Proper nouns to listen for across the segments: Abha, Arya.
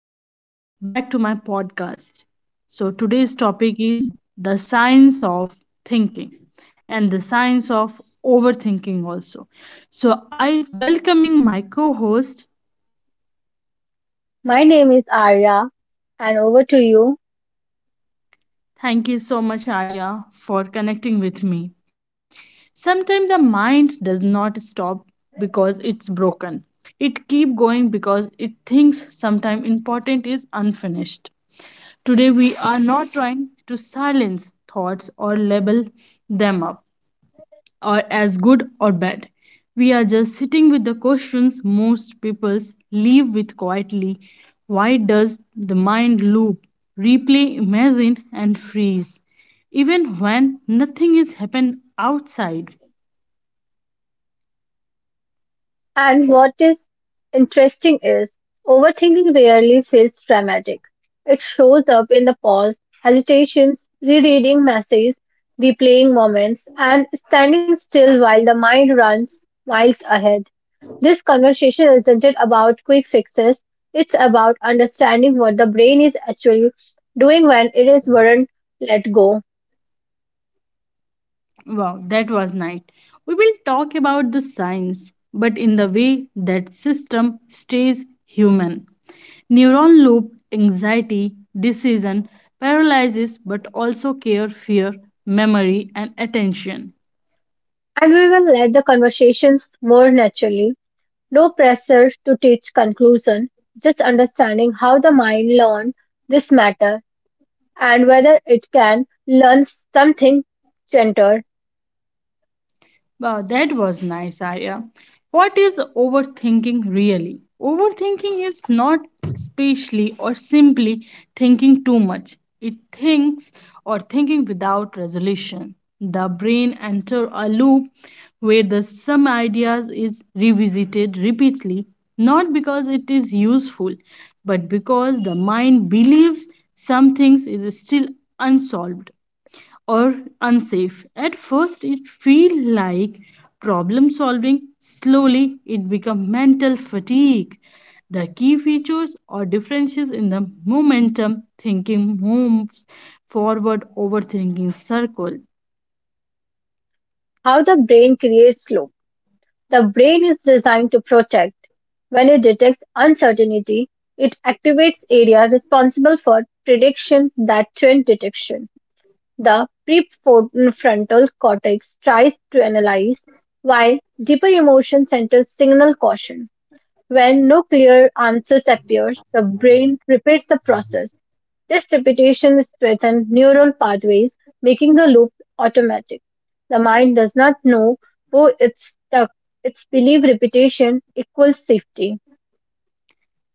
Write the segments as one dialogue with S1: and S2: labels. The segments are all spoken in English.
S1: Welcome back to my podcast. Today's topic is the science of thinking and the science of overthinking, also. So, I welcoming my co host.
S2: My name is Arya, and over to you.
S1: Thank you so much, Arya, for connecting with me. Sometimes the mind does not stop because it's broken. It keep going because it thinks sometimes important is unfinished. Today we are not trying to silence thoughts or label them up or as good or bad. We are just sitting with the questions most people leave with quietly. Why does the mind loop, replay, imagine and freeze even when nothing is happened outside?
S2: And what is interesting is overthinking rarely feels dramatic. It shows up in the pause, hesitations, rereading messages, replaying moments, and standing still while the mind runs miles ahead. This conversation isn't it about quick fixes, it's about understanding what the brain is actually doing when it is weren't let go.
S1: Wow, that was night. We will talk about the science, but in the way that system stays human. Neuron loop, anxiety, decision, paralysis, but also care, fear, memory, and attention.
S2: And we will let the conversations more naturally. No pressure to teach conclusion, just understanding how the mind learns this matter and whether it can learn something gentle.
S1: Wow, that was nice, Arya. What is overthinking really? Overthinking is not especially or simply thinking too much. It thinks or thinking without resolution. The brain enters a loop where the some ideas is revisited repeatedly, not because it is useful, but because the mind believes some things is still unsolved or unsafe. At first it feel like problem solving, slowly it become mental fatigue. The key features or differences in the momentum thinking moves forward, overthinking circle.
S2: How the brain creates loop. The brain is designed to protect. When it detects uncertainty, it activates area responsible for prediction that trend detection. The prefrontal cortex tries to analyze, while deeper emotion centers signal caution. When no clear answers appears, the brain repeats the process. This repetition strengthens neural pathways, making the loop automatic. The mind does not know who it's stuck. It's belief repetition equals safety.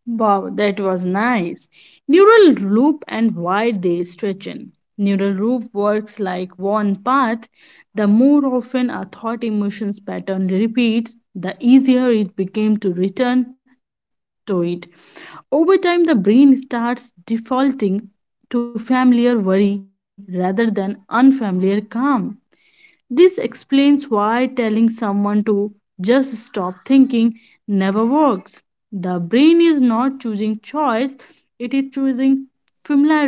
S1: Wow, that was nice. Neural loop and why they stretch in. Neural loop works like one path. The more often a thought emotions pattern repeats, the easier it became to return to it. Over time, the brain starts defaulting to familiar worry rather than unfamiliar calm. This explains why telling someone to just stop thinking never works. The brain is not choosing choice, it is choosing familiarity.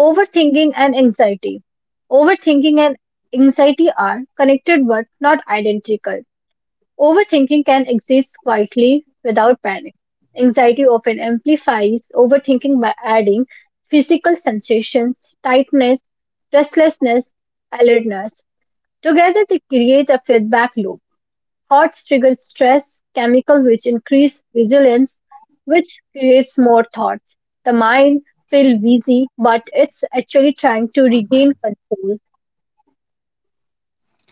S2: Overthinking and anxiety. Overthinking and anxiety are connected but not identical. Overthinking can exist quietly without panic. Anxiety often amplifies overthinking by adding physical sensations, tightness, restlessness, alertness. Together, they create a feedback loop. Thoughts trigger stress chemical, which increase vigilance, which creates more thoughts. The mind feels busy, but it's actually trying to regain control.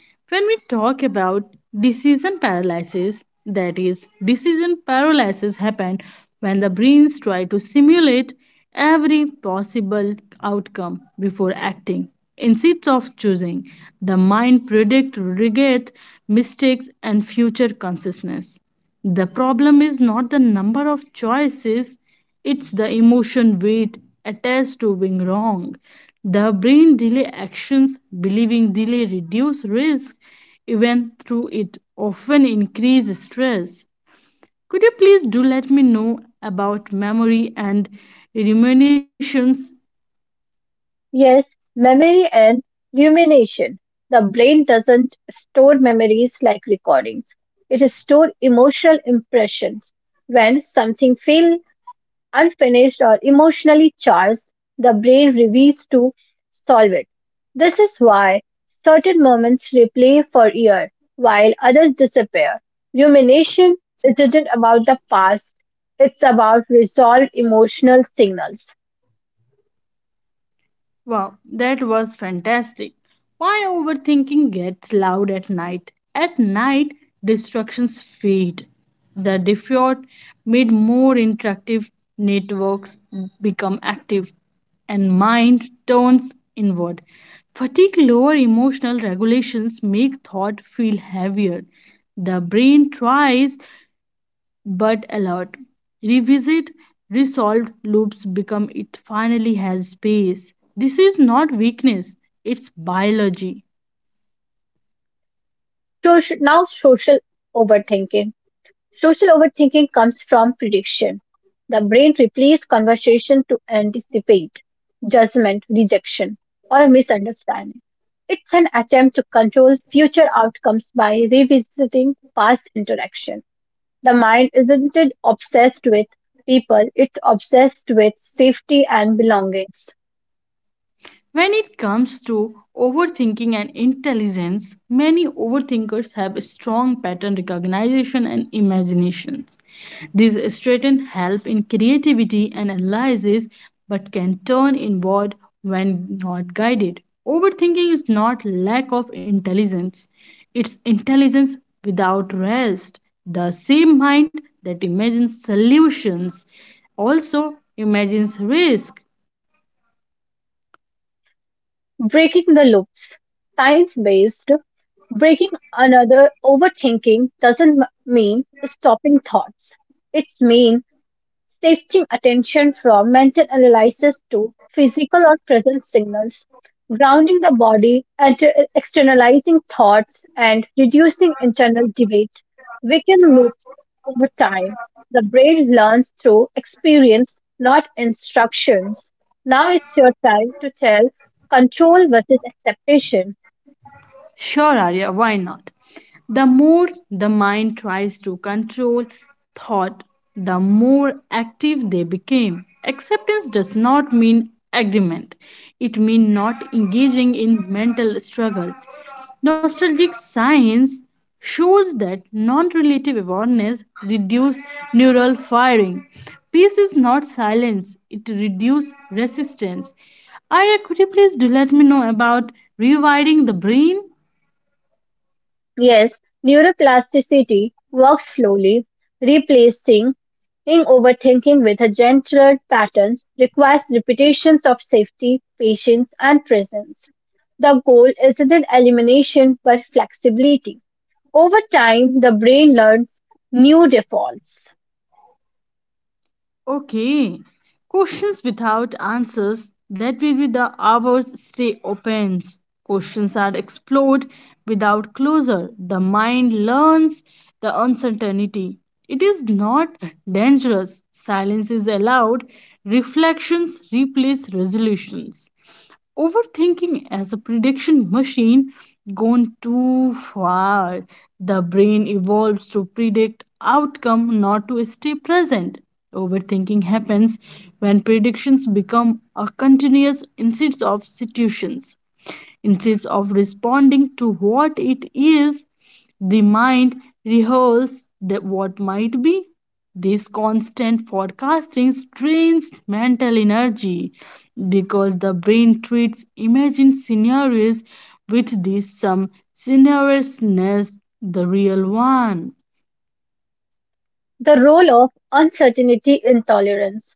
S1: When we talk about decision paralysis, that is, decision paralysis happen when the brains try to simulate every possible outcome before acting. Instead of choosing, the mind predict, regret, mistakes, and future consciousness. The problem is not the number of choices, it's the emotion weight attached to being wrong. The brain delay actions, believing delay reduce risk, even through it often increase stress. Could you please do let me know about memory and ruminations?
S2: Yes, memory and rumination. The brain doesn't store memories like recordings. It stores emotional impressions. When something feels unfinished or emotionally charged, the brain reveals to solve it. This is why certain moments replay for years while others disappear. Rumination isn't about the past, it's about resolved emotional signals.
S1: Wow, that was fantastic. Why overthinking gets loud at night? At night, distractions feed. The default made more interactive networks become active and mind turns inward. Fatigue lower emotional regulations make thought feel heavier. The brain tries but a lot. Revisit, resolved loops become it finally has space. This is not weakness, it's biology.
S2: Now, social overthinking. Social overthinking comes from prediction. The brain replays conversation to anticipate judgment, rejection, or misunderstanding. It's an attempt to control future outcomes by revisiting past interaction. The mind isn't it obsessed with people, it's obsessed with safety and belongings.
S1: When it comes to overthinking and intelligence, many overthinkers have a strong pattern recognition and imaginations. These straighten help in creativity and analysis but can turn inward when not guided. Overthinking is not lack of intelligence, it's intelligence without rest. The same mind that imagines solutions also imagines risk.
S2: Breaking the loops. Science based breaking another overthinking doesn't mean stopping thoughts. It means shifting attention from mental analysis to physical or present signals, grounding the body, externalizing thoughts, and reducing internal debate. We can loop over time. The brain learns through experience, not instructions. Now it's your time to tell control versus expectation.
S1: Sure, Arya, why not? The more the mind tries to control thought, the more active they became. Acceptance does not mean agreement, it means not engaging in mental struggle. Nostalgic science shows that non relative awareness reduces neural firing. Peace is not silence, it reduces resistance. Arya, could you please do let me know about rewiring the brain?
S2: Yes, neuroplasticity works slowly, replacing overthinking with a gentler pattern requires repetitions of safety, patience, and presence. The goal isn't elimination but flexibility. Over time, the brain learns new defaults.
S1: Okay. Questions without answers. That will be the hours stay open. Questions are explored without closure. The mind learns the uncertainty. It is not dangerous. Silence is allowed. Reflections replace resolutions. Overthinking as a prediction machine gone too far. The brain evolves to predict outcome, not to stay present. Overthinking happens when predictions become a continuous instead of situations. Instead of responding to what it is, the mind rehearses the what might be. This constant forecasting strains mental energy because the brain treats imagined scenarios with this some scenariousness the real one.
S2: The role of uncertainty intolerance.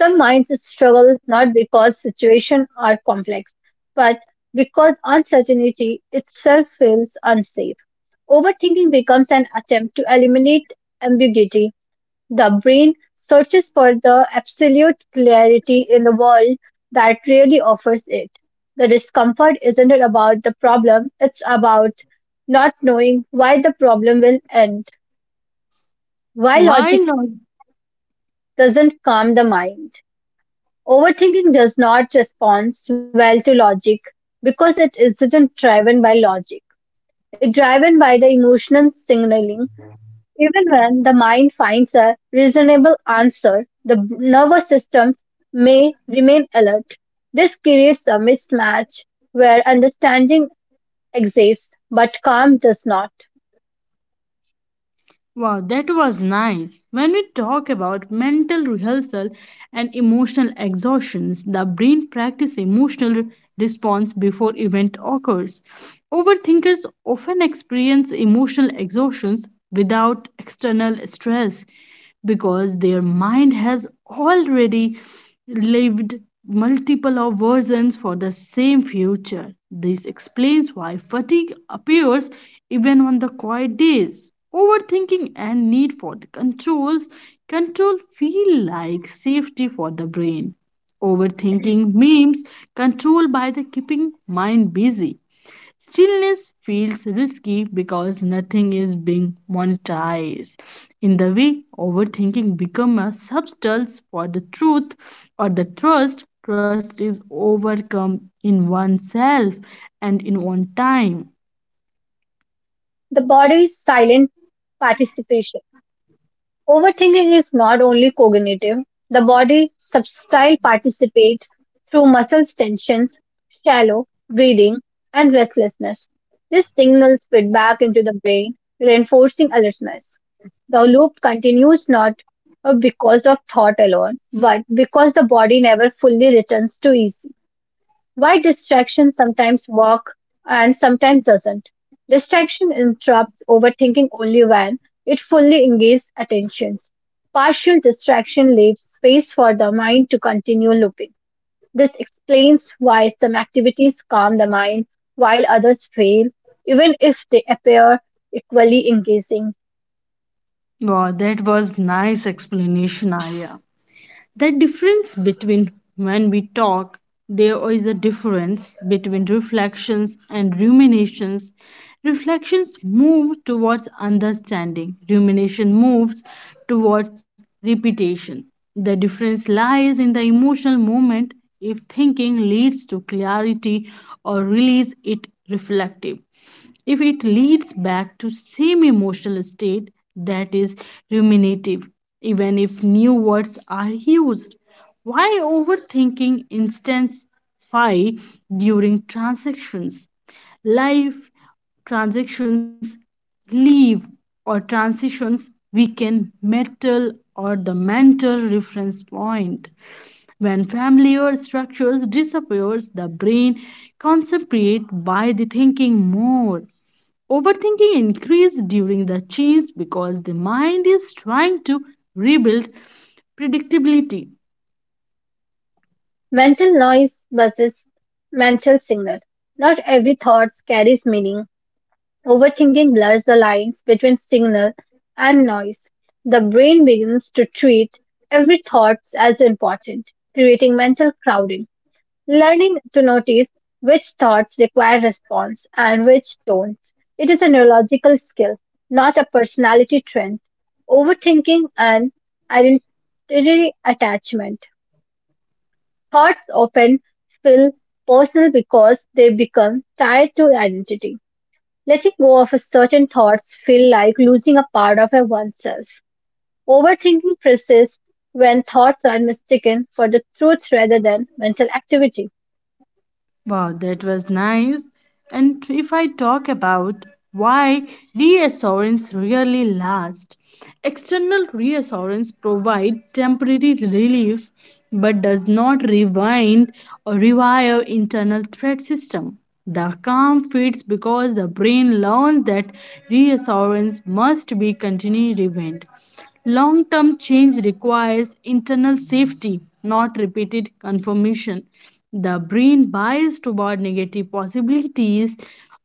S2: Some minds struggle not because situations are complex, but because uncertainty itself feels unsafe. Overthinking becomes an attempt to eliminate ambiguity. The brain searches for the absolute clarity in the world that rarely offers it. The discomfort isn't about the problem, it's about not knowing why the problem will end, why logic
S1: While
S2: doesn't calm the mind. Overthinking does not respond well to logic because it isn't driven by logic. It's driven by the emotional signaling. Even when the mind finds a reasonable answer, nervous systems may remain alert. This creates a mismatch where understanding exists but calm does not.
S1: wow, that was nice. When we talk about mental rehearsal and emotional exhaustions, the brain practice emotional response before event occurs. Overthinkers often experience emotional exhaustions without external stress because their mind has already lived multiple of versions for the same future. This explains why fatigue appears even on the quiet days. Overthinking and need for the controls, control feel like safety for the brain. Overthinking means control by the keeping mind busy. Stillness feels risky because nothing is being monetized. In the way, overthinking becomes a substance for the truth or the trust. Trust is overcome in oneself and in one time.
S2: The body's silent participation. Overthinking is not only cognitive, the body substyle participates through muscle tensions, shallow, breathing, and restlessness. This signals feedback into the brain, reinforcing alertness. The loop continues not because of thought alone, but because the body never fully returns to ease. Why distraction sometimes walk and sometimes doesn't. Distraction interrupts overthinking only when it fully engages attentions. Partial distraction leaves space for the mind to continue looping. This explains why some activities calm the mind while others fail, even if they appear equally engaging.
S1: Wow, that was nice explanation, Aya. The difference between, when we talk, there is a difference between reflections and ruminations. Reflections move towards understanding, rumination moves towards repetition. The difference lies in the emotional moment. If thinking leads to clarity or release, it reflective. If it leads back to same emotional state, that is ruminative, even if new words are used. Why overthinking intensify during transactions, life transactions leave or transitions, we can metal or the mental reference point. When familiar structures disappears, the brain concentrates by the thinking more. Overthinking increases during the change because the mind is trying to rebuild predictability.
S2: Mental noise versus mental signal. Not every thought carries meaning. Overthinking blurs the lines between signal and noise. The brain begins to treat every thought as important, creating mental crowding. Learning to notice which thoughts require response and which don't. It is a neurological skill, not a personality trend. Overthinking and identity attachment. Thoughts often feel personal because they become tied to identity. Letting go of certain thoughts feel like losing a part of a oneself. Overthinking persists when thoughts are mistaken for the truth rather than mental activity.
S1: Wow, that was nice. And if I talk about why reassurance really lasts, external reassurance provide temporary relief but does not rewind or revive internal threat system. The calm fades because the brain learns that reassurance must be continually revived. Long term change requires internal safety, not repeated confirmation. The brain bias toward negative possibilities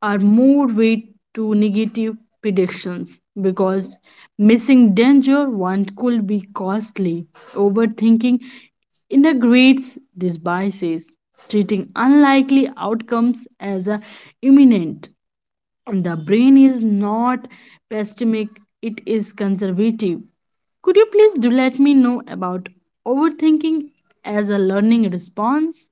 S1: are more weight to negative predictions because missing danger one could be costly. Overthinking integrates these biases, treating unlikely outcomes as a imminent. And the brain is not pessimistic, it is conservative. Could you please do let me know about overthinking as a learning response?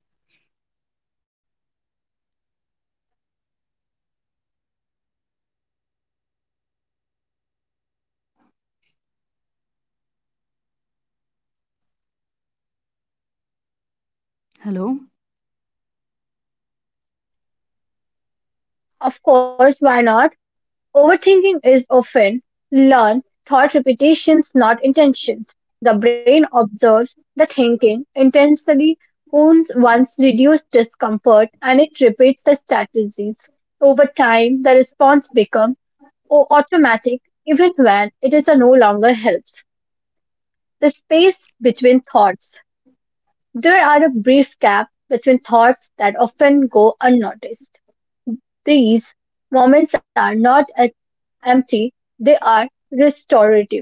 S1: Hello?
S2: Of course, why not? Overthinking is often learned thought repetitions, not intention. The brain observes the thinking intensely wounds once reduced discomfort and it repeats the strategies. Over time, the response becomes or automatic even when it is no longer helps. The space between thoughts. There are a brief gap between thoughts that often go unnoticed. These moments are not empty, they are restorative.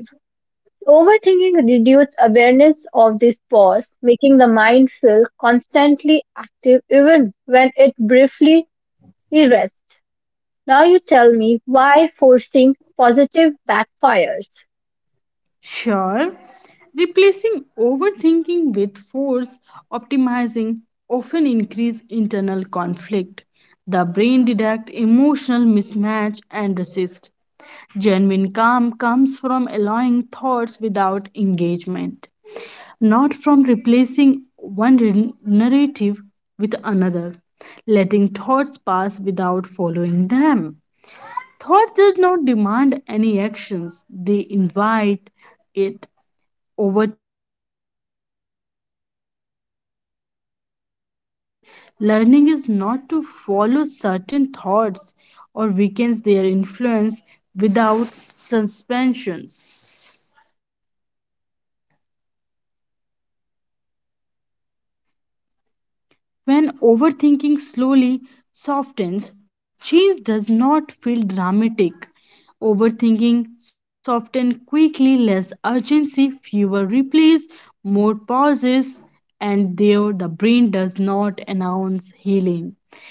S2: Overthinking reduces awareness of this pause, making the mind feel constantly active even when it briefly rests. Now you tell me why forcing positive backfires.
S1: Sure. Replacing overthinking with force optimizing often increase internal conflict. The brain detect emotional mismatch and resist. Genuine calm comes from allowing thoughts without engagement, not from replacing narrative with another, letting thoughts pass without following them. Thought does not demand any actions, they invite it. Overthinking happens when every invention is accepted. Learning is not to follow certain thoughts or weakens their influence without suspensions. When overthinking slowly softens, change does not feel dramatic. Overthinking softens quickly, less urgency, fewer replays, more pauses, and there the brain does not announce healing.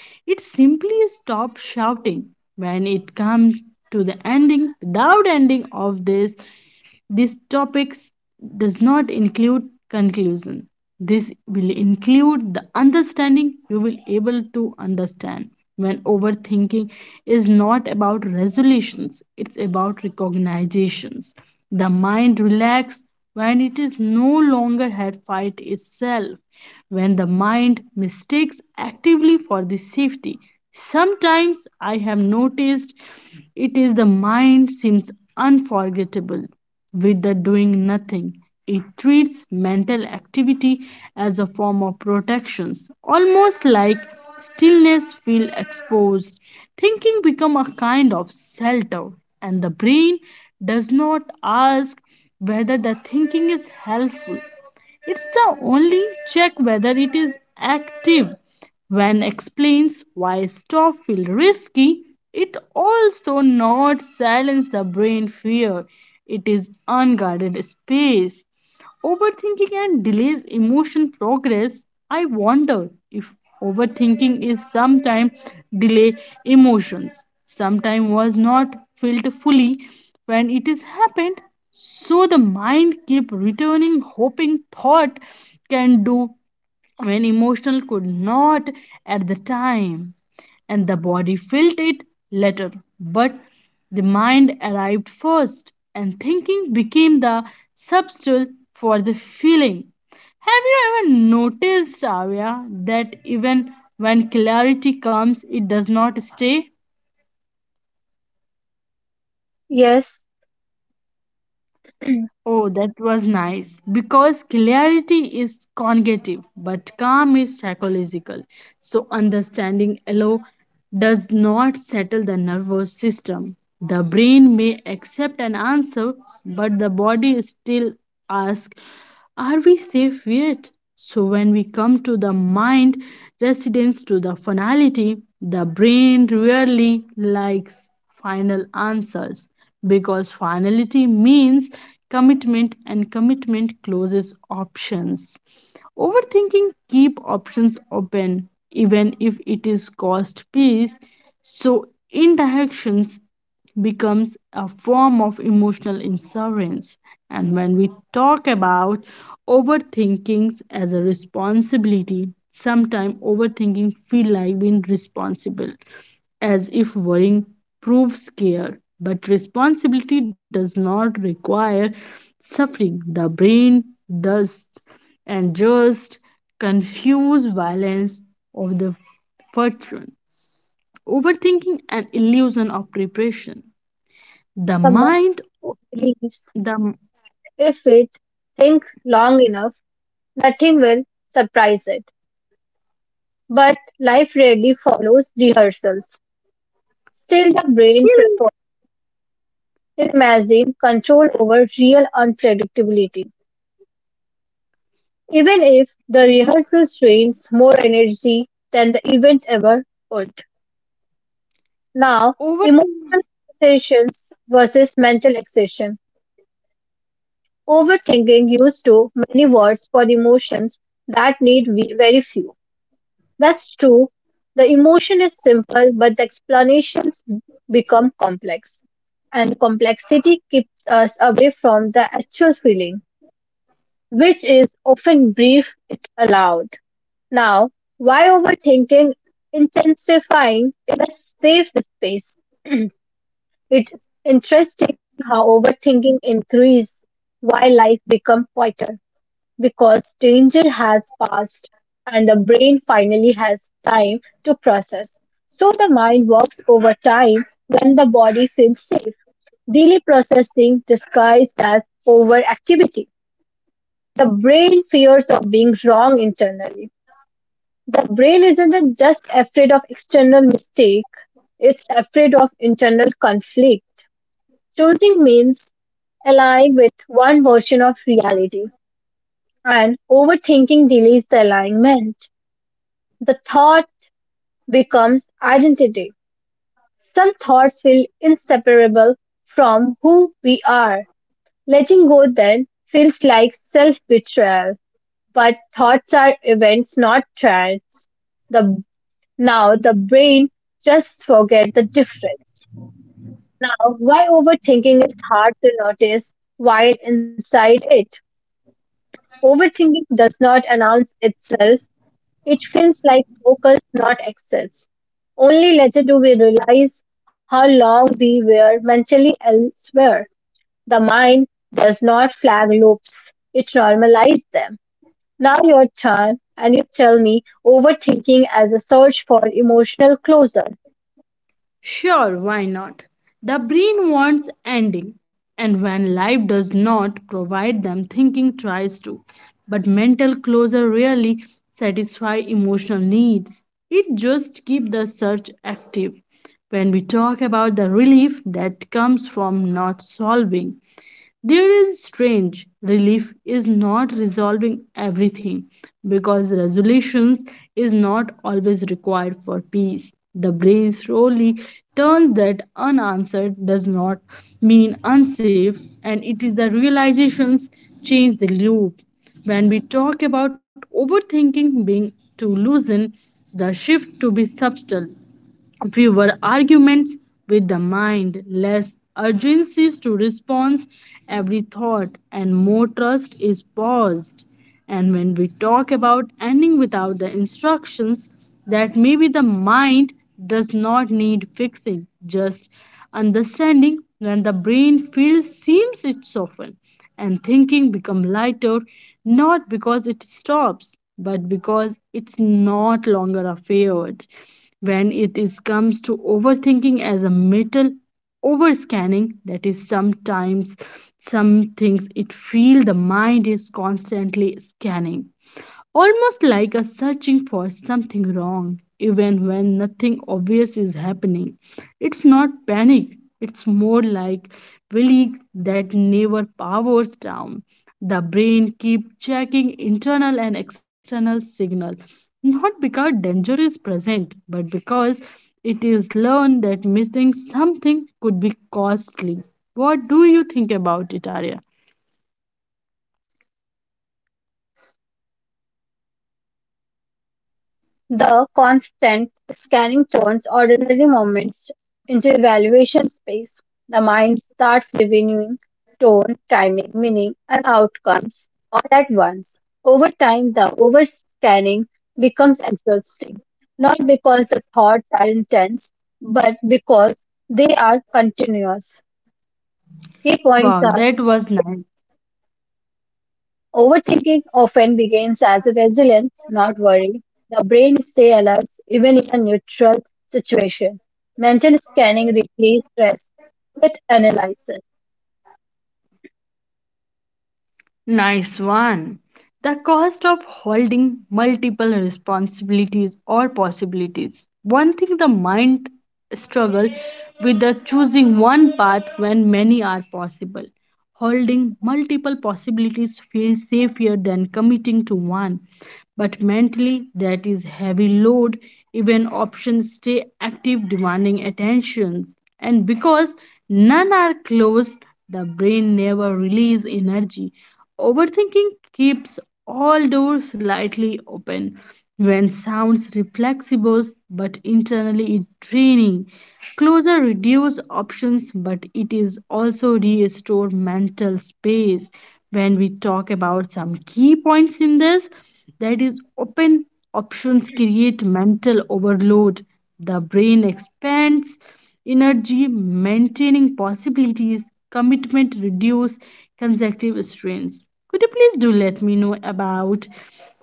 S1: It simply stops shouting when it comes to the ending without ending of this topic does not include conclusion. This will include the understanding you will able to understand when overthinking is not about resolutions, it's about recognitions. The mind relaxes when it is no longer had fight itself, when the mind mistakes actively for the safety. Sometimes I have noticed it is the mind seems unforgettable with the doing nothing. It treats mental activity as a form of protection, almost like stillness feel exposed. Thinking become a kind of shelter, and the brain does not ask whether the thinking is helpful. It's the only check whether it is active. When explains why stop feel risky, it also not silence the brain fear. It is unguarded space. Overthinking and delays emotion progress. I wonder if overthinking is sometimes delay emotions. Sometimes was not felt fully when it is happened, so the mind kept returning hoping thought can do when emotional could not at the time, and the body felt it later, but the mind arrived first and thinking became the substitute for the feeling. Have you ever noticed, avya, that even when clarity comes it does not stay?
S2: Yes,
S1: Oh, that was nice. Because clarity is cognitive, but calm is psychological. So, understanding alone does not settle the nervous system. The brain may accept an answer, but the body still asks, are we safe yet? So, when we come to the mind residence to the finality, the brain rarely likes final answers because finality means commitment and commitment closes options. Overthinking keep options open even if it is cost peace. So indirections becomes a form of emotional insurance. And when we talk about overthinking as a responsibility, sometimes overthinking feel like being responsible, as if worrying proves care. But responsibility does not require suffering. The brain does and just confuse violence of the fortune, overthinking and illusion of preparation. The
S2: the mind
S1: mind, o-
S2: believes
S1: the m-
S2: if it thinks long enough, nothing will surprise it. But life rarely follows rehearsals. Still, the brain
S1: still
S2: prefers imagine control over real unpredictability. Even if the rehearsal strains more energy than the event ever would. Now, emotional
S1: overthinking.
S2: exertions versus mental exertion. Overthinking used to many words for emotions that need very few. That's true. The emotion is simple, but the explanations become complex. And complexity keeps us away from the actual feeling, which is often brief it allowed. Now, why overthinking intensifying in a safe space? It's interesting how overthinking increases while life becomes quieter because danger has passed and the brain finally has time to process. So the mind works over time when the body feels safe. Daily processing disguised as overactivity. The brain fears of being wrong internally. The brain isn't just afraid of external mistake, it's afraid of internal conflict. Choosing means align with one version of reality, and overthinking delays the alignment. The thought becomes identity. Some thoughts feel inseparable from who we are. Letting go then feels like self betrayal. But thoughts are events, not trends. The now the brain just forget the difference. Now, why overthinking is hard to notice while inside it? Overthinking does not announce itself. It feels like focus, not excess. Only later do we realize how long we were mentally elsewhere. The mind does not flag loops, it normalizes them. Now your turn, and you tell me overthinking as a search for emotional closure.
S1: Sure, why not? The brain wants ending, and when life does not provide them, thinking tries to. But mental closure rarely satisfies emotional needs. It just keeps the search active. When we talk about the relief that comes from not solving, there is strange relief is not resolving everything because resolutions is not always required for peace. The brain slowly turns that unanswered does not mean unsafe, and it is the realizations change the loop. When we talk about overthinking being to loosen, the shift to be subtle, fewer arguments with the mind, less urgencies to response every thought, and more trust is paused. And when we talk about ending without the instructions, that maybe the mind does not need fixing, just understanding. When the brain feels seems it soften and thinking become lighter, not because it stops but because it's not longer a feared. When it is comes to overthinking as a metal overscanning, that is sometimes some things it feel the mind is constantly scanning, almost like a searching for something wrong, even when nothing obvious is happening. It's not panic, it's more like belief that never powers down. The brain keeps checking internal and external signals, not because danger is present, but because it is learned that missing something could be costly. What do you think about it, Arya?
S2: The constant scanning turns ordinary moments into evaluation space. The mind starts reviewing tone, timing, meaning, and outcomes all at once. Over time, the overscanning becomes exhausting, not because the thoughts are intense, but because they are continuous. Key
S1: Wow,
S2: points are
S1: that was nice.
S2: overthinking often begins as a resilience, not worry. The brain stays alert even in a neutral situation. Mental scanning replaces stress with analysis.
S1: Nice one. The cost of holding multiple responsibilities or possibilities. One thing the mind struggles with the choosing one path when many are possible. Holding multiple possibilities feels safer than committing to one, but mentally that is heavy load. Even options stay active, demanding attentions, and because none are closed, the brain never release energy. Overthinking keeps all doors slightly open when sounds reflexible, but internally it draining. Closure reduce options, but it is also restore mental space. When we talk about some key points in this, that is open options create mental overload. The brain expands energy maintaining possibilities, commitment reduce consecutive strains. Could you please do let me know about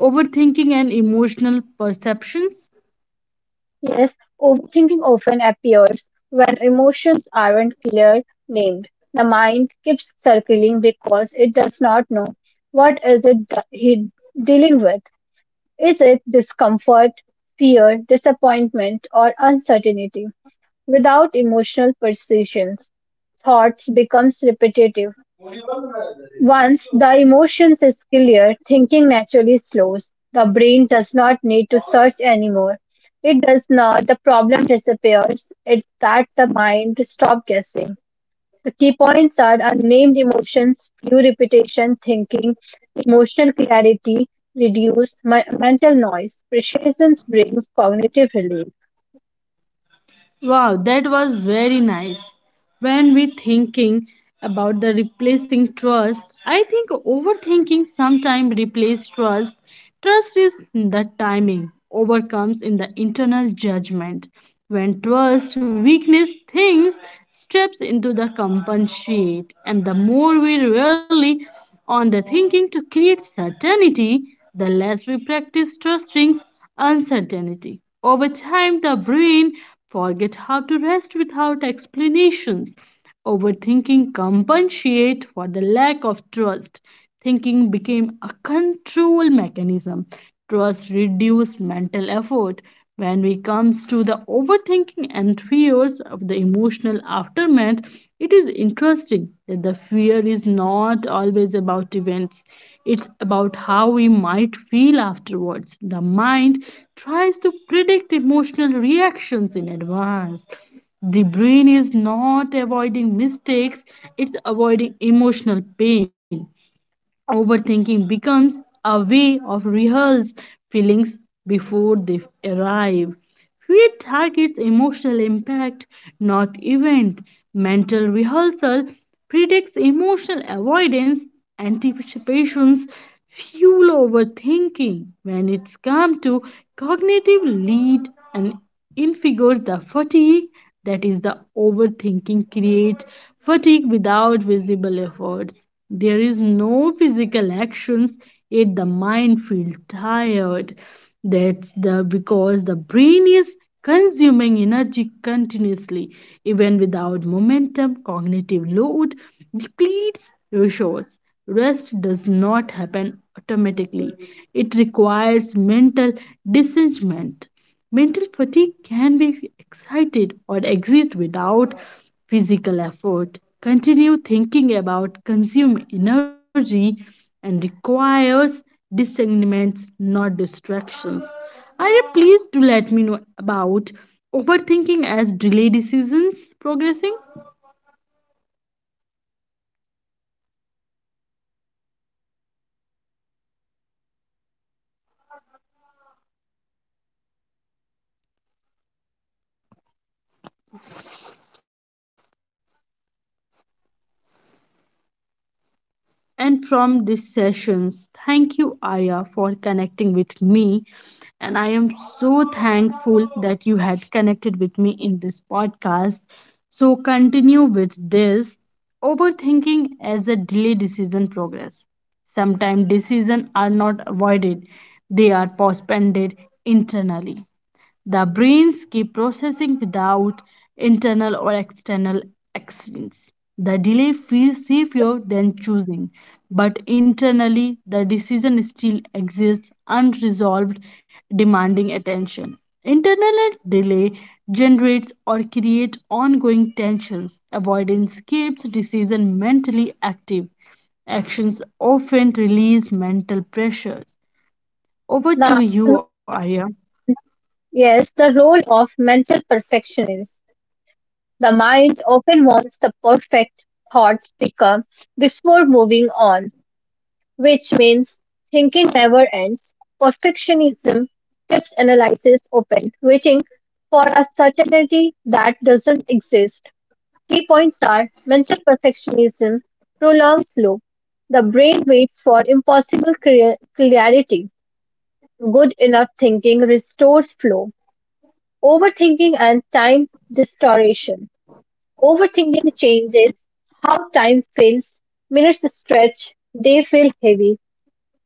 S1: overthinking and emotional perceptions?
S2: Yes, overthinking often appears when emotions aren't clear named. The mind keeps circling because it does not know what is it that he dealing with. Is it discomfort, fear, disappointment, or uncertainty? Without emotional precisions, thoughts becomes repetitive. Once the emotions is clear, thinking naturally slows. The brain does not need to search anymore. It does not, the problem disappears. It that the mind stop guessing. The key points are unnamed emotions, few repetition, thinking, emotional clarity, reduce mental noise. Precisions brings cognitive relief.
S1: Wow, that was very nice. When we thinking about the replacing trust, I think overthinking sometimes replaces trust. Trust is the timing overcomes in the internal judgment. When trust weakness things steps into the compensate, and the more we rely on the thinking to create certainty, the less we practice trusting uncertainty. Over time, the brain forget how to rest without explanations. Overthinking compensate for the lack of trust. Thinking became a control mechanism. Trust reduced mental effort. When we comes to the overthinking and fears of the emotional aftermath, it is interesting that the fear is not always about events. It's about how we might feel afterwards. The mind tries to predict emotional reactions in advance. The brain is not avoiding mistakes, it's avoiding emotional pain. Overthinking becomes a way of rehearse feelings before they arrive. Fear targets emotional impact, not event. Mental rehearsal predicts emotional avoidance, anticipations fuel overthinking. When it's come to cognitive lead and infigures the fatigue, that is the overthinking creates fatigue without visible efforts. There is no physical actions, yet the mind feels tired. That's the because the brain is consuming energy continuously, even without momentum. Cognitive load depletes resource. Rest does not happen automatically, it requires mental disengagement. Mental fatigue can be excited or exist without physical effort. Continue thinking about consume energy and requires discernments, not distractions. Are you pleased to let me know about overthinking as delay decisions progressing?
S2: Yes, sometimes decisions aren't avoided, they are postponed internally. The brain keeps processing without external actions. That delays feel safer than choosing, but internally, the decision still exists
S1: And
S2: unresolved,
S1: from these
S2: demanding
S1: sessions,
S2: attention.
S1: thank you, Aya,
S2: Internal
S1: for
S2: delay
S1: connecting
S2: creates
S1: with
S2: ongoing
S1: me.
S2: tension,
S1: And I am
S2: avoidance,
S1: so
S2: keep
S1: thankful
S2: decisions
S1: that you
S2: mentally
S1: had
S2: active.
S1: connected with me
S2: Actions
S1: in this
S2: often release
S1: podcast.
S2: mental
S1: So,
S2: pressure.
S1: continue with this overthinking as a delay decision progress. Sometimes decisions are not avoided, they are postponed internally. The brains keep processing without internal or external accidents. The delay feels safer than choosing, but internally the decision still exists unresolved, demanding attention. Internal delay generates or creates ongoing tensions. Avoidance keeps decision mentally active. Actions often release mental pressures. Over to
S2: Now,
S1: you, Arya.
S2: yes, the role of mental perfectionist. The mind often wants the perfect thought speaker before moving on, which means thinking never ends. Perfectionism keeps analysis open, waiting for a certainty that doesn't exist. Key points are mental perfectionism prolongs loop. The brain waits for impossible clarity. Good enough thinking restores flow. Overthinking and time distortion. Overthinking changes how time feels. Minutes stretch, they feel heavy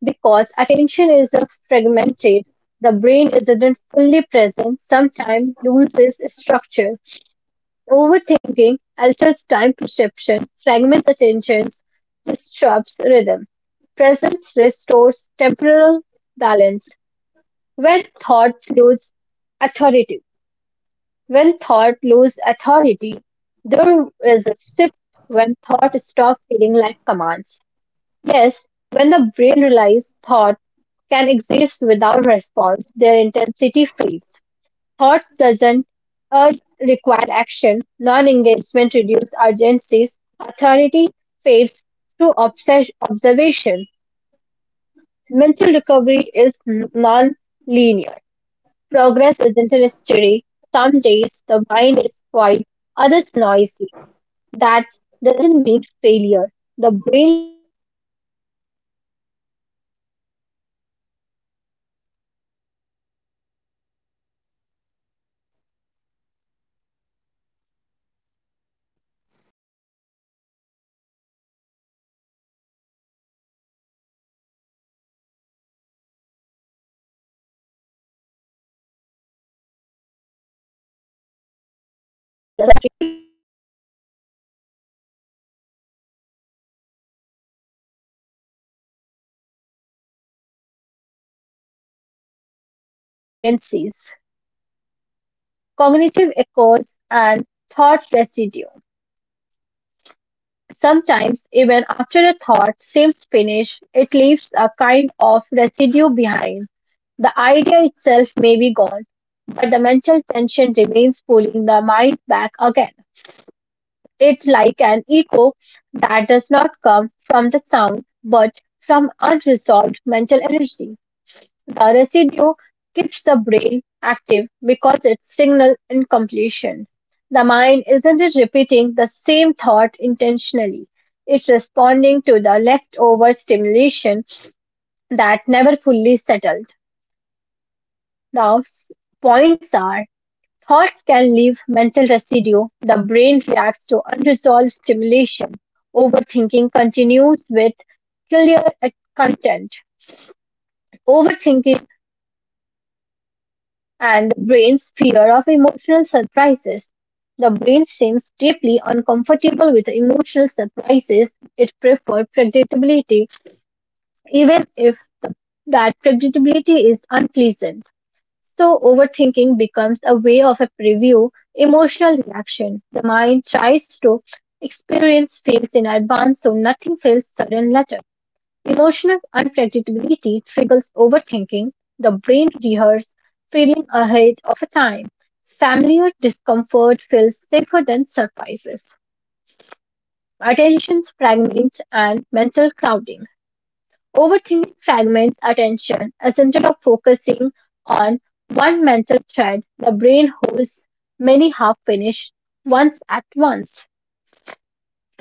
S2: because attention is fragmented. The brain isn't fully present, sometimes loses structure. Overthinking alters time perception, fragments attention, disrupts rhythm. Presence restores temporal balance when thought lose authority. When thought loses authority, there is a shift when thought stops feeling like commands. Yes, when the brain realizes thought can exist without response, their intensity fades. Thoughts doesn't urge required action, non-engagement reduces urgencies, authority fades through observation. Mental recovery is non-linear. Progress isn't a mystery. Some days the mind is quiet, others noisy. That doesn't mean failure. The brain learns in a circle, not a straight line. Key points are fluctuation is a normal, learning occurs gradually, l- setbacks doesn't erase progress. Ending with a spaciousness. The goal isn't a silent mind. It is a spacious one where thoughts can come and go without tension. Silence is not objection, spacious only flexibility. Erase, replace urgencies. Cognitive echoes and thought residue. Sometimes, even after a thought seems finished, it leaves a kind of residue behind. The idea itself may be gone, but the mental tension remains pulling the mind back again. It's like an echo that does not come from the sound, but from unresolved mental energy. The residue keeps the brain active because it's signal incompletion. The mind isn't just repeating the same thought intentionally. It's responding to the leftover stimulation that never fully settled. Now, s- Points are thoughts can leave mental residue. The brain reacts to unresolved stimulation. Overthinking continues with clear content. Overthinking and the brain's fear of emotional surprises. The brain seems deeply uncomfortable with emotional surprises. It prefers predictability, even if that predictability is unpleasant. So, overthinking becomes a way of a preview emotional reaction. The mind tries to experience feels in advance so nothing feels sudden later. Emotional unpredictability triggers overthinking. The brain rehearses feeling ahead of a time. Familiar discomfort feels safer than surprises. Attention fragment and mental crowding. Overthinking fragments attention. Instead of focusing on one mental thread, the brain holds many half finished ones at once.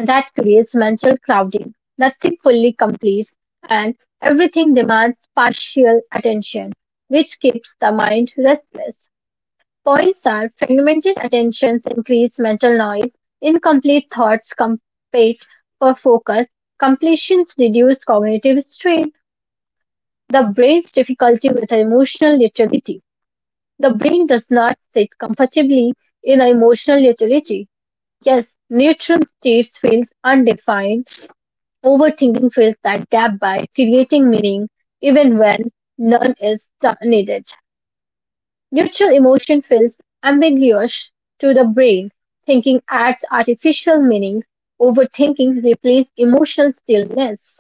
S2: That creates mental crowding. Nothing fully completes and everything demands partial attention, which keeps the mind restless. Points are fragmented attentions increase mental noise, incomplete thoughts compete for focus, completions reduce cognitive strain, the brain's difficulty with emotional utility. The brain does not sit comfortably in emotional utility. Yes, neutral states feels undefined. Overthinking fills that gap by creating meaning even when none is t- needed. Neutral emotion feels ambiguous to the brain. Thinking adds artificial meaning. Overthinking replaces emotional stillness.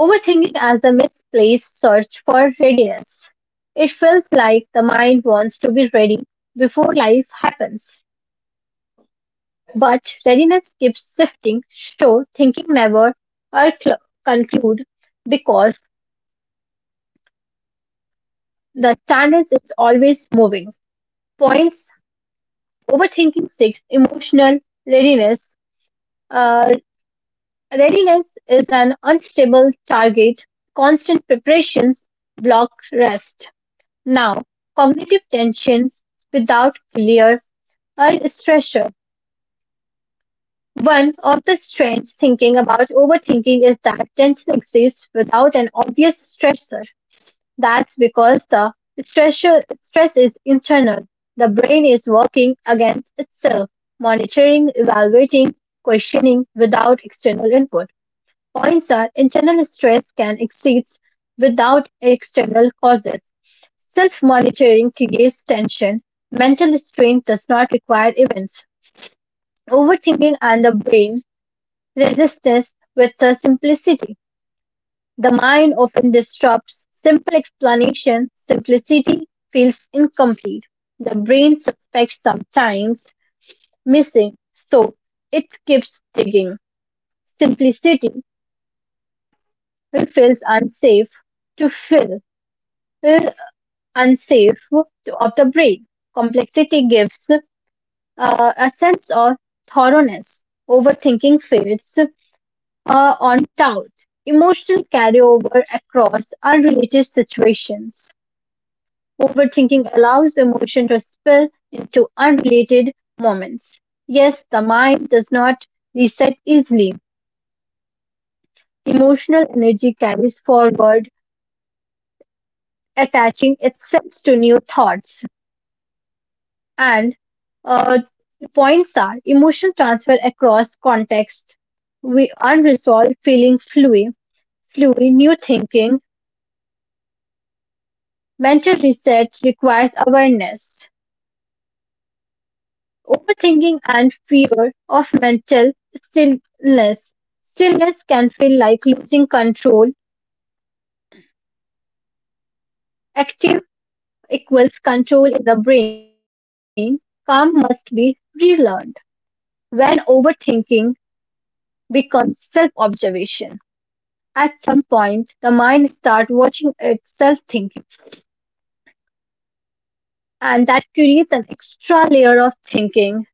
S2: Overthinking as the misplaced search for readiness. It feels like the mind wants to be ready before life happens. But readiness keeps shifting, so thinking never or cl- conclude because the standards is always moving. Points, overthinking six, emotional readiness. Uh, Readiness is an unstable target. Constant preparations block rest. Now, cognitive tensions without clear or stressor. One of the strange thinking about overthinking is that tension exists without an obvious stressor. That's because stress, stress is internal. The brain is working against itself, monitoring, evaluating, questioning without external input. Points are internal stress can exceed without external causes. Self monitoring creates tension. Mental strain does not require events. Overthinking and the brain resistance with the simplicity. The mind often disrupts simple explanation. Simplicity feels incomplete. The brain suspects sometimes missing, so it keeps digging. Simplicity feels unsafe to fill, feel unsafe to, of the brain. Complexity gives a sense of thoroughness. Overthinking fades on doubt. Emotional carryover across unrelated situations. Overthinking allows emotion to spill into unrelated moments. Yes, the mind does not reset easily. Emotional energy carries forward, attaching itself to new thoughts. And uh, points are emotional transfer across context, we unresolved fluid new thinking. Mental reset requires awareness. Overthinking and fear of mental stillness. Stillness can feel like losing control. Active equals control in the brain. Calm must be relearned. When overthinking becomes self observation, at some point the mind starts watching itself thinking, and that creates an extra layer of thinking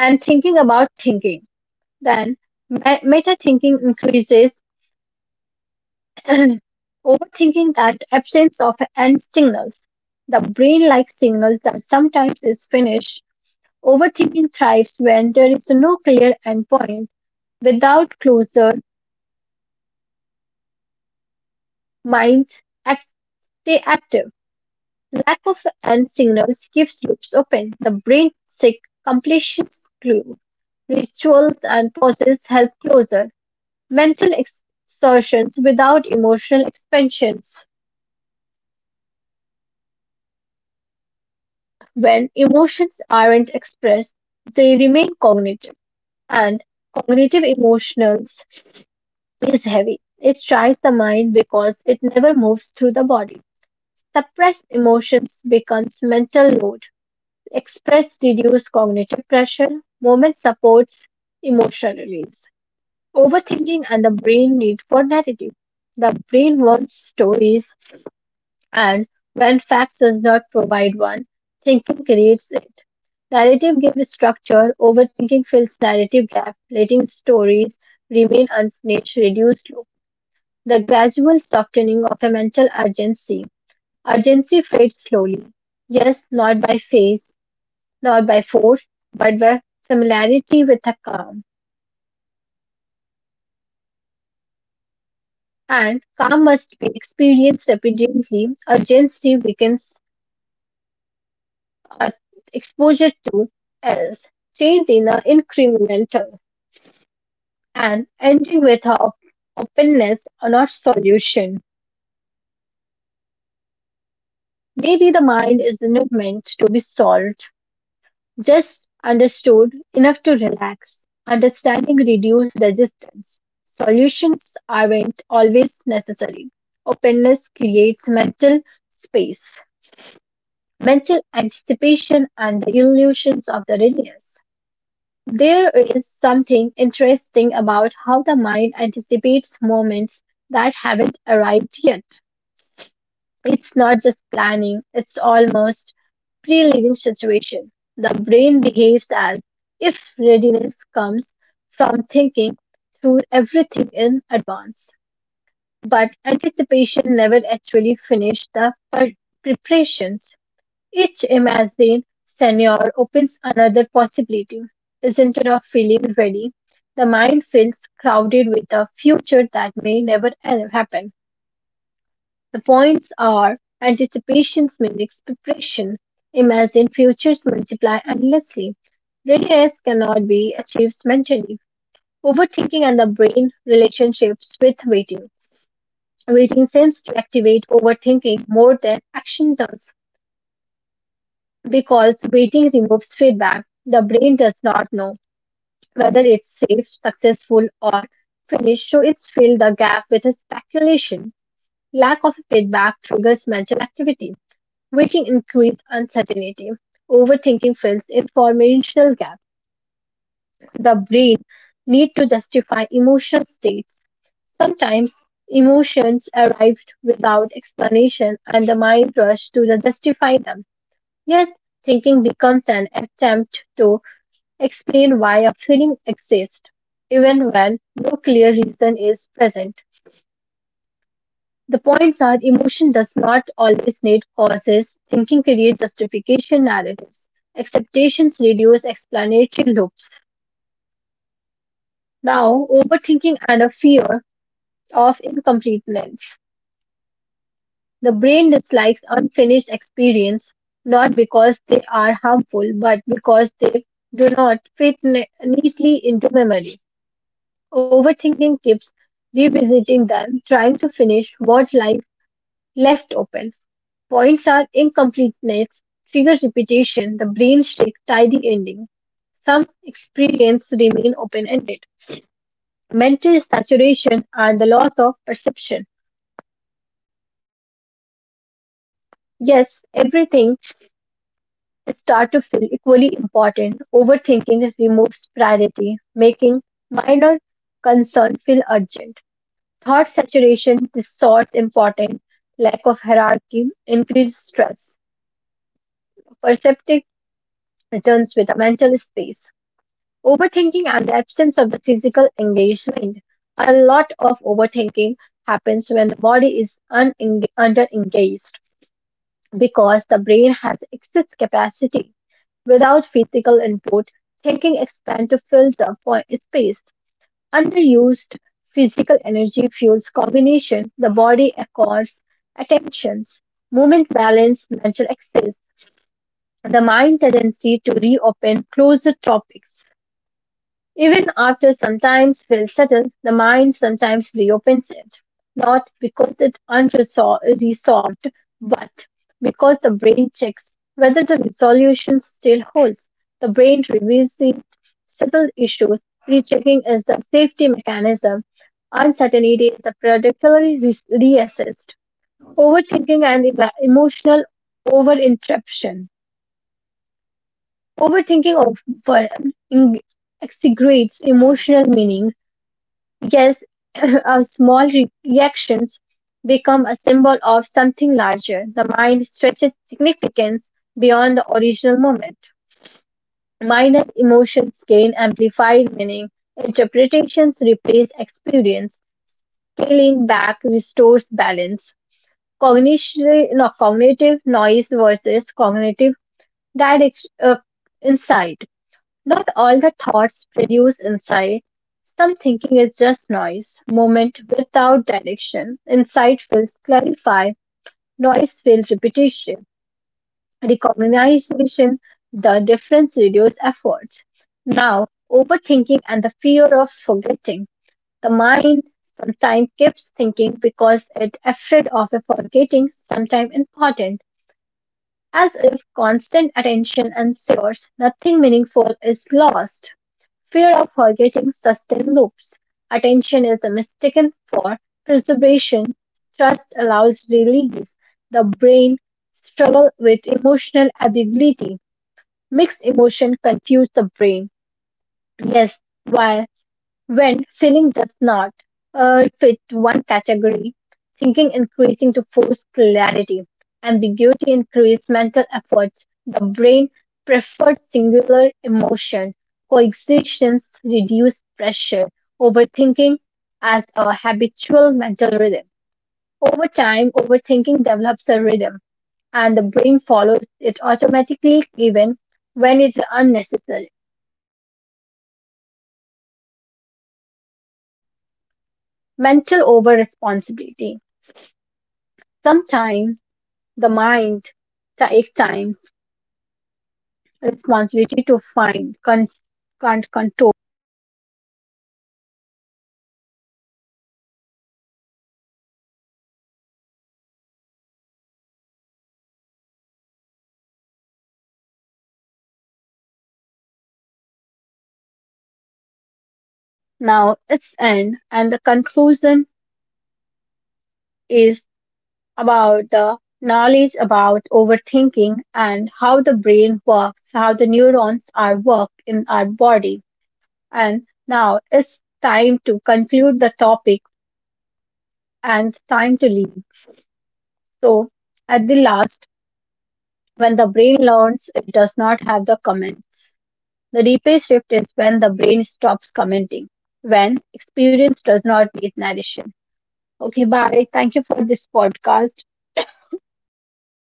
S2: and thinking about thinking. Then meta thinking increases. And overthinking that absence of end signals. The brain likes signals that sometimes is finished. Overthinking thrives when there is no clear end point. Without closure, minds act- stay active. Lack of end signals keeps loops open. The brain seeks completion clue. Rituals and pauses help closure. Mental ex- exertions without emotional expansions. When emotions aren't expressed, they remain cognitive, and cognitive emotions is heavy. It tries the mind because it never moves through the body. Suppressed emotions becomes mental load. Expressed reduce cognitive pressure. Movement supports emotional release. Overthinking and the brain need for narrative. The brain wants stories and when facts does not provide one, thinking creates it. Narrative gives structure, overthinking fills narrative gap, letting stories remain unfinished, reduced loop. The gradual softening of a mental urgency. Urgency fades slowly. Yes, not by phase, not by force, but by familiarity with a calm. And calm must be experienced repeatedly. Urgency weakens uh, exposure to is change in the incremental and ending with a openness or not solution. Maybe the mind is not meant to be solved, just understood enough to relax. Understanding reduces resistance. Solutions aren't always necessary. Openness creates mental space, mental anticipation, and the illusions of the readiness. There is something interesting about how the mind anticipates moments that haven't arrived yet. It's not just planning, it's almost pre-living situation. The brain behaves as if readiness comes from thinking through everything in advance. But anticipation never actually finishes the preparations. Each Amazon senior opens another possibility. Isn't enough feeling ready? The mind feels crowded with a future that may never happen. The points are anticipation mimics preparation. Imagine futures multiply endlessly. Readiness cannot be achieved mentally. Overthinking and the brain relationships with waiting. Waiting seems to activate overthinking more than action does. Because waiting removes feedback, the brain does not know whether it's safe, successful, or finished, so it's filled the gap with speculation. Lack of feedback triggers mental activity. Waiting increases uncertainty. Overthinking fills informational gap. The brain need to justify emotional states. Sometimes emotions arrived without explanation and the mind rushes to the justify them. Yes, thinking becomes an attempt to explain why a feeling exists even when no clear reason is present. The points are emotion does not always need causes, thinking creates justification narratives, acceptations reduce explanatory loops. Now, overthinking and a fear of incompleteness. The brain dislikes unfinished experience not because they are harmful but because they do not fit ne- neatly into memory. Overthinking keeps revisiting them, trying to finish what life left open. Points are incompleteness, triggers repetition, the brain seeks tidy ending. Some experiences remain open ended. Mental saturation and the loss of perception. Yes, everything start to feel equally important. Overthinking removes priority, making minor concern feel urgent. Thought saturation distorts importance, lack of hierarchy increases stress. Perceptive returns with a mental space. Overthinking and the absence of the physical engagement. A lot of overthinking happens when the body is under-engaged because the brain has excess capacity. Without physical input, thinking expands to fill the space. Underused physical energy fuels combination. The body accords attentions, movement balance, mental excess, the mind tendency to reopen closed topics. Even after sometimes will settle, the mind sometimes reopens it, not because it's unresolved, but because the brain checks whether the resolution still holds. The brain reveals the settled issues. Rechecking is the safety mechanism. Uncertainty is a reassessed. Emotional overinterruption. Overthinking well, in- exaggerates emotional meaning. Yes, reactions become a symbol of something larger. The mind stretches significance beyond the original moment. Minor emotions gain amplified meaning. Interpretations replace experience. Scaling back restores balance. Cognition, no, cognitive noise versus cognitive direct, insight. Not all the thoughts produce insight. Some thinking is just noise, movement without direction. Insight feels clarify, noise feels repetition. Recognition, the difference reduces efforts. Now, overthinking and the fear of forgetting. The mind sometimes keeps thinking because it afraid of a forgetting sometimes important, as if constant attention ensures nothing meaningful is lost. Fear of forgetting sustained loops. Attention is mistaken for preservation. Trust allows release. The brain struggle with emotional ability. Mixed emotion confuse the brain. Yes, while. When feeling does not fit one category, thinking increasing to force clarity, ambiguity increase mental efforts, the brain prefers singular emotion, coexistence reduce pressure, overthinking as a habitual mental rhythm. Over time, overthinking develops a rhythm and the brain follows it automatically even when it's unnecessary. Mental over responsibility. Sometimes the mind takes time, responsibility to find, con- can't control. Now it's end, and the conclusion is about the knowledge about overthinking and how the brain works, how the neurons are worked in our body. And now it's time to conclude the topic and time to leave. So at the last, when the brain learns, it does not have the comments. The replay shift is when the brain stops commenting, when experience does not need narration. Okay, bye. Thank you for this podcast.